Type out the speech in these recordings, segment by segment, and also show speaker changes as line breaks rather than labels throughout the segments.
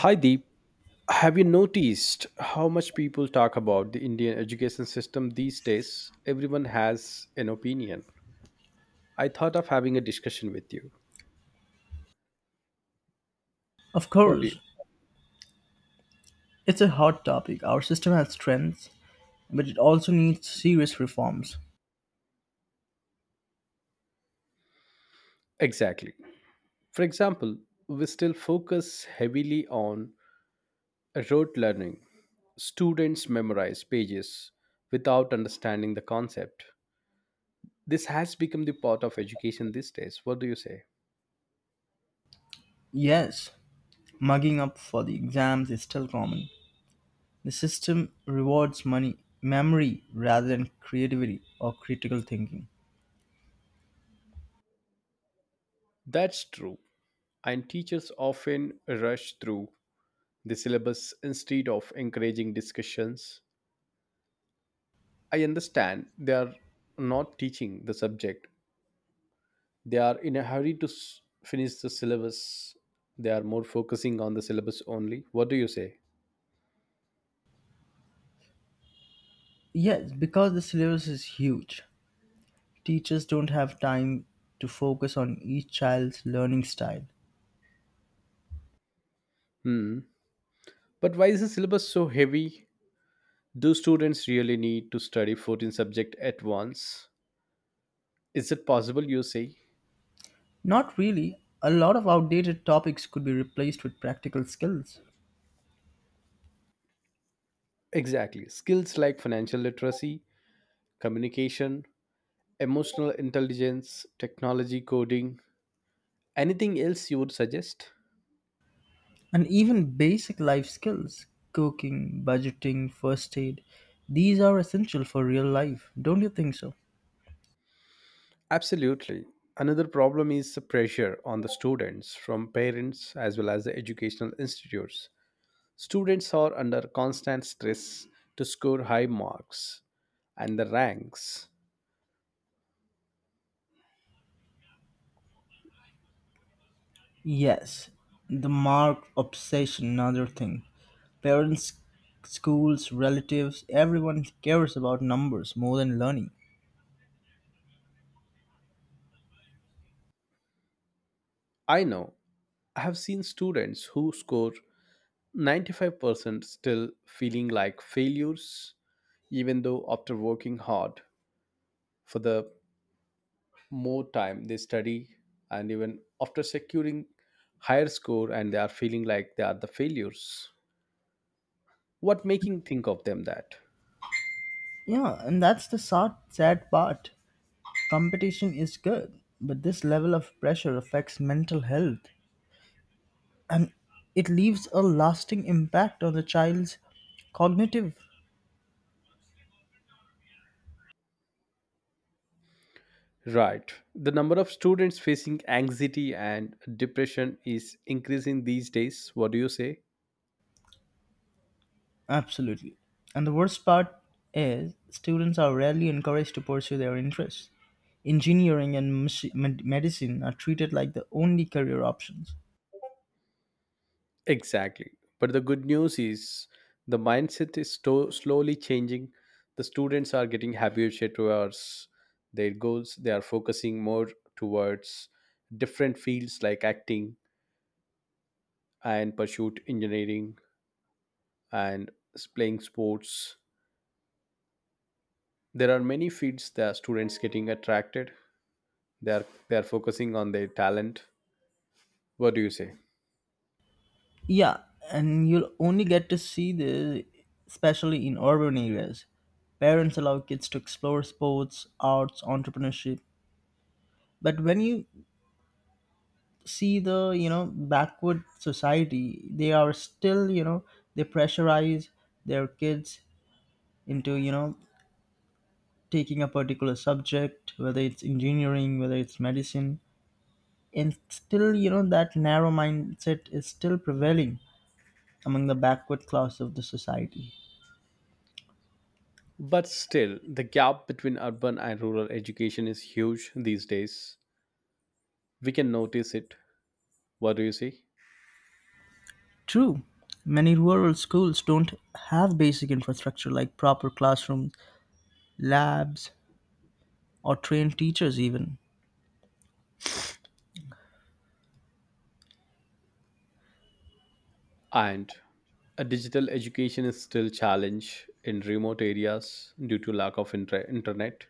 Hi Deep, have you noticed how much people talk about the Indian education system these days? Everyone has an opinion. I thought of having a discussion with you.
Of
What do you?
course, it's a hot topic. Our system has strengths, but it also needs serious reforms.
Exactly. For example, we still focus heavily on rote learning. Students memorize pages without understanding the concept. This has become the part of education these days. What do you say?
Yes, mugging up for the exams is still common. The system rewards money, memory rather than creativity or critical thinking.
That's true. And teachers often rush through the syllabus instead of encouraging discussions. I understand they are not teaching the subject, they are in a hurry to finish the syllabus. They are more focusing on the syllabus only. What do you say?
Yes, because the syllabus is huge, teachers don't have time to focus on each child's learning style.
Hmm. But why is the syllabus so heavy? Do students really need to study 14 subjects at once? Is it possible, you say?
Not really. A lot of outdated topics could be replaced with practical skills.
Exactly. Skills like financial literacy, communication, emotional intelligence, technology coding, anything else you would suggest?
And even basic life skills cooking, budgeting, first aid these are essential for real life, don't you think so?
Absolutely. Another problem is the pressure on the students from parents as well as the educational institutes. Students are under constant stress to score high marks and the ranks.
Yes, the mark obsession, another thing. Parents, schools, relatives, everyone cares about numbers more than learning.
I know I have seen students who score 95% still feeling like failures, even though after working hard for the more time they study and even after securing higher score and they are feeling like they are the failures. What making think of them that
Yeah, and that's the sad, sad part. Competition is good, but this level of pressure affects mental health, and it leaves a lasting impact on the child's cognitive.
right, the number of students facing anxiety and depression is increasing these days. What do you say?
Absolutely. And the worst part is students are rarely encouraged to pursue their interests. Engineering and medicine are treated like the only career options.
Exactly. But the good news is the mindset is slowly changing. The students are getting happier towards their goals. They are focusing more towards different fields like acting and pursuit engineering and playing sports. There are many fields that students getting attracted. They are focusing on their talent. What do you say?
Yeah, and you'll only get to see this, especially in urban areas. Parents allow kids to explore sports, arts, entrepreneurship. But when you see the, backward society, they are still, they pressurize their kids into, taking a particular subject, whether it's engineering, whether it's medicine, and still, that narrow mindset is still prevailing among the backward class of the society.
But still the gap between urban and rural education is huge these days. We can notice it. What do you say?
True, many rural schools don't have basic infrastructure like proper classrooms, labs, or trained teachers, even.
And a digital education is still challenge in remote areas due to lack of internet.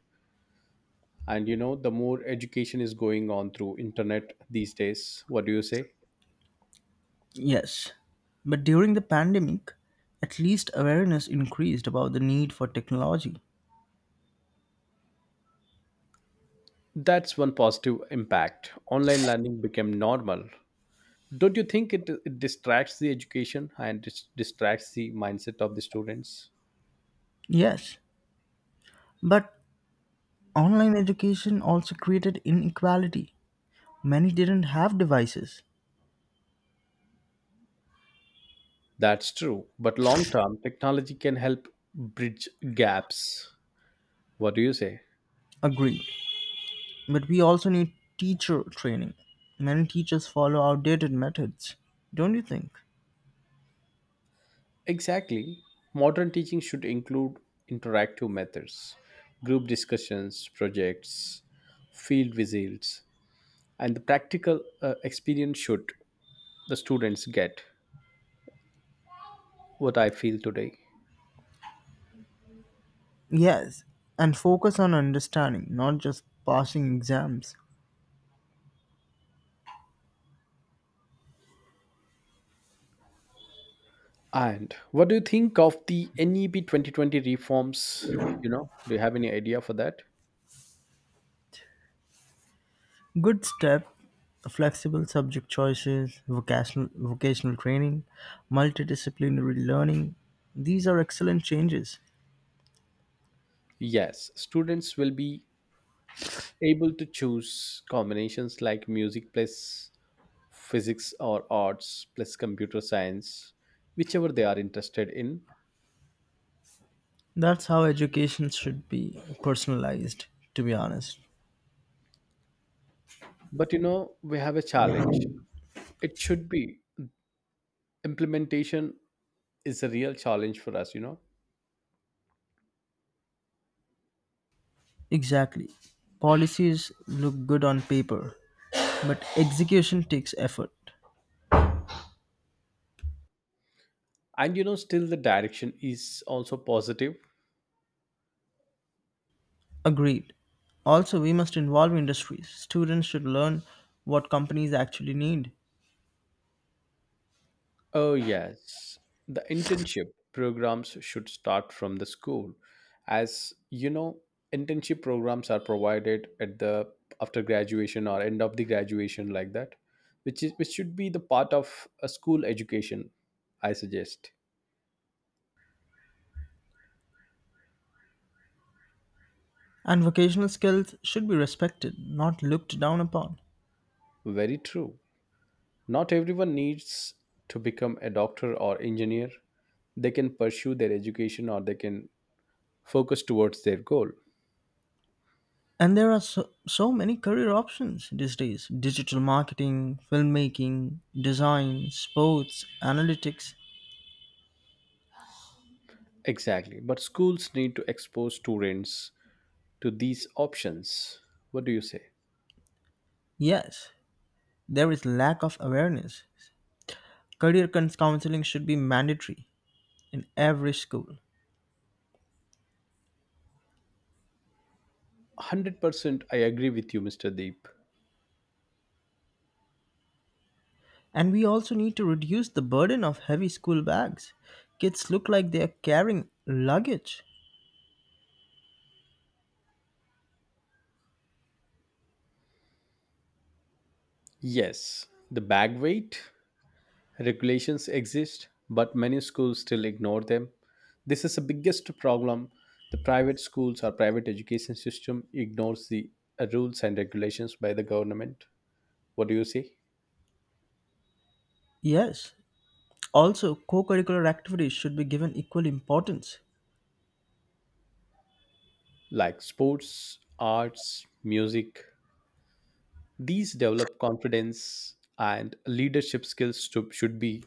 And you know, the more education is going on through internet these days. What do you say?
Yes, but during the pandemic, at least awareness increased about the need for technology.
That's one positive impact. Online learning became normal. Don't you think it distracts the education and distracts the mindset of the students?
Yes, but online education also created inequality. Many didn't have devices.
That's true, but long term technology can help bridge gaps. What do you say?
Agreed. But we also need teacher training. Many teachers follow outdated methods, don't you think?
Exactly. Modern teaching should include interactive methods, group discussions, projects, field visits, and the practical experience should the students get, what I feel today.
Yes, and focus on understanding, not just passing exams.
And what do you think of the NEP 2020 reforms? You know, do you have any idea for that?
Good step flexible subject choices, vocational training, multidisciplinary learning. These are excellent changes.
Yes, students will be able to choose combinations like music plus physics or arts plus computer science, whichever they are interested in.
That's how education should be personalized, to be honest.
But you know, we have a challenge. It should be implementation is a real challenge for us, you know.
Exactly. Policies look good on paper, but execution takes effort.
And you know, still the direction is also positive.
Agreed. Also, we must involve industries. Students should learn what companies actually need.
Oh, yes. The internship programs should start from the school. As you know, internship programs are provided at the after graduation or end of the graduation like that, which is which should be the part of a school education, I suggest.
And vocational skills should be respected, not looked down upon.
Very true. Not everyone needs to become a doctor or engineer. They can pursue their education or they can focus towards their goal.
And there are so, so many career options these days digital marketing, filmmaking, design, sports, analytics.
Exactly. But schools need to expose students to these options. What do you say?
Yes, there is lack of awareness. Counseling should be mandatory in every school.
100% I agree with you, Mr. Deep.
And we also need to reduce the burden of heavy school bags. Kids look like they are carrying luggage.
Yes, the bag weight regulations exist, but many schools still ignore them. This is the biggest problem. The private schools or private education system ignores the rules and regulations by the government. What do you say?
Yes. Also, co curricular activities should be given equal importance.
Like sports, arts, music. These develop confidence and leadership skills to, should be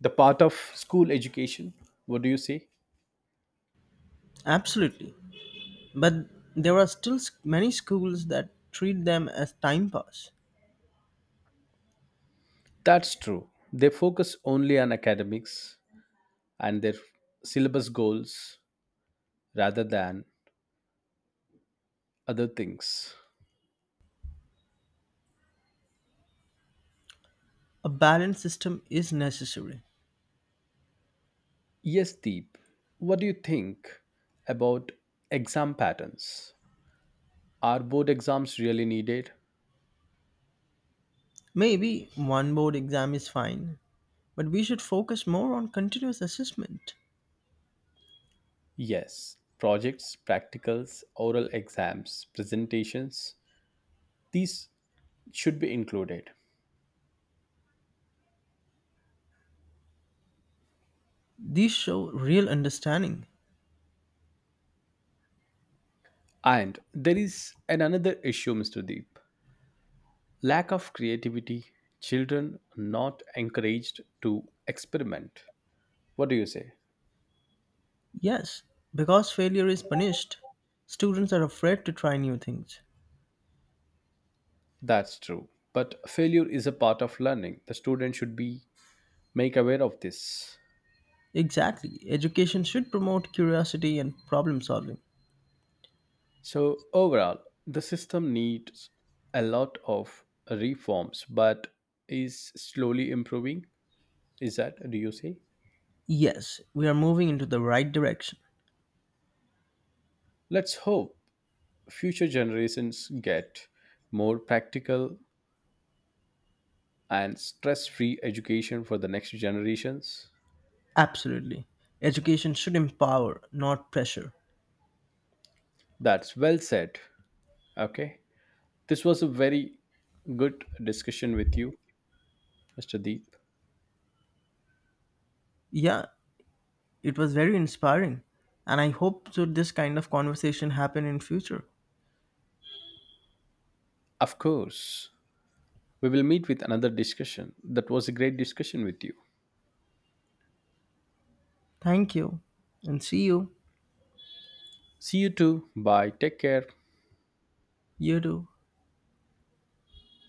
the part of school education. What do you say?
Absolutely. But there are still many schools that treat them as time pass.
That's true. They focus only on academics and their syllabus goals rather than other things.
A balanced system is necessary.
Yes, Deep, what do you think about exam patterns? Are board exams really needed?
Maybe one board exam is fine, but we should focus more on continuous assessment.
Yes, projects, practicals, oral exams, presentations, these should be included.
These show real understanding.
And there is an another issue, Mr. Deep. Lack of creativity, children not encouraged to experiment. What do you say?
Yes, because failure is punished, students are afraid to try new things.
That's true. But failure is a part of learning. The student should be make aware of this.
Exactly, education should promote curiosity and problem solving.
So overall, the system needs a lot of reforms, but is slowly improving. Is that do you say?
Yes, we are moving into the right direction.
Let's hope future generations get more practical and stress-free education for the next generations.
Absolutely. Education should empower, not pressure.
That's well said. Okay. This was a very good discussion with you, Mr. Deep.
Yeah, it was very inspiring. And I hope so this kind of conversation happen in future.
Of course, we will meet with another discussion. That was a great discussion with you.
Thank you and see you.
See you too. Bye. Take care.
You too.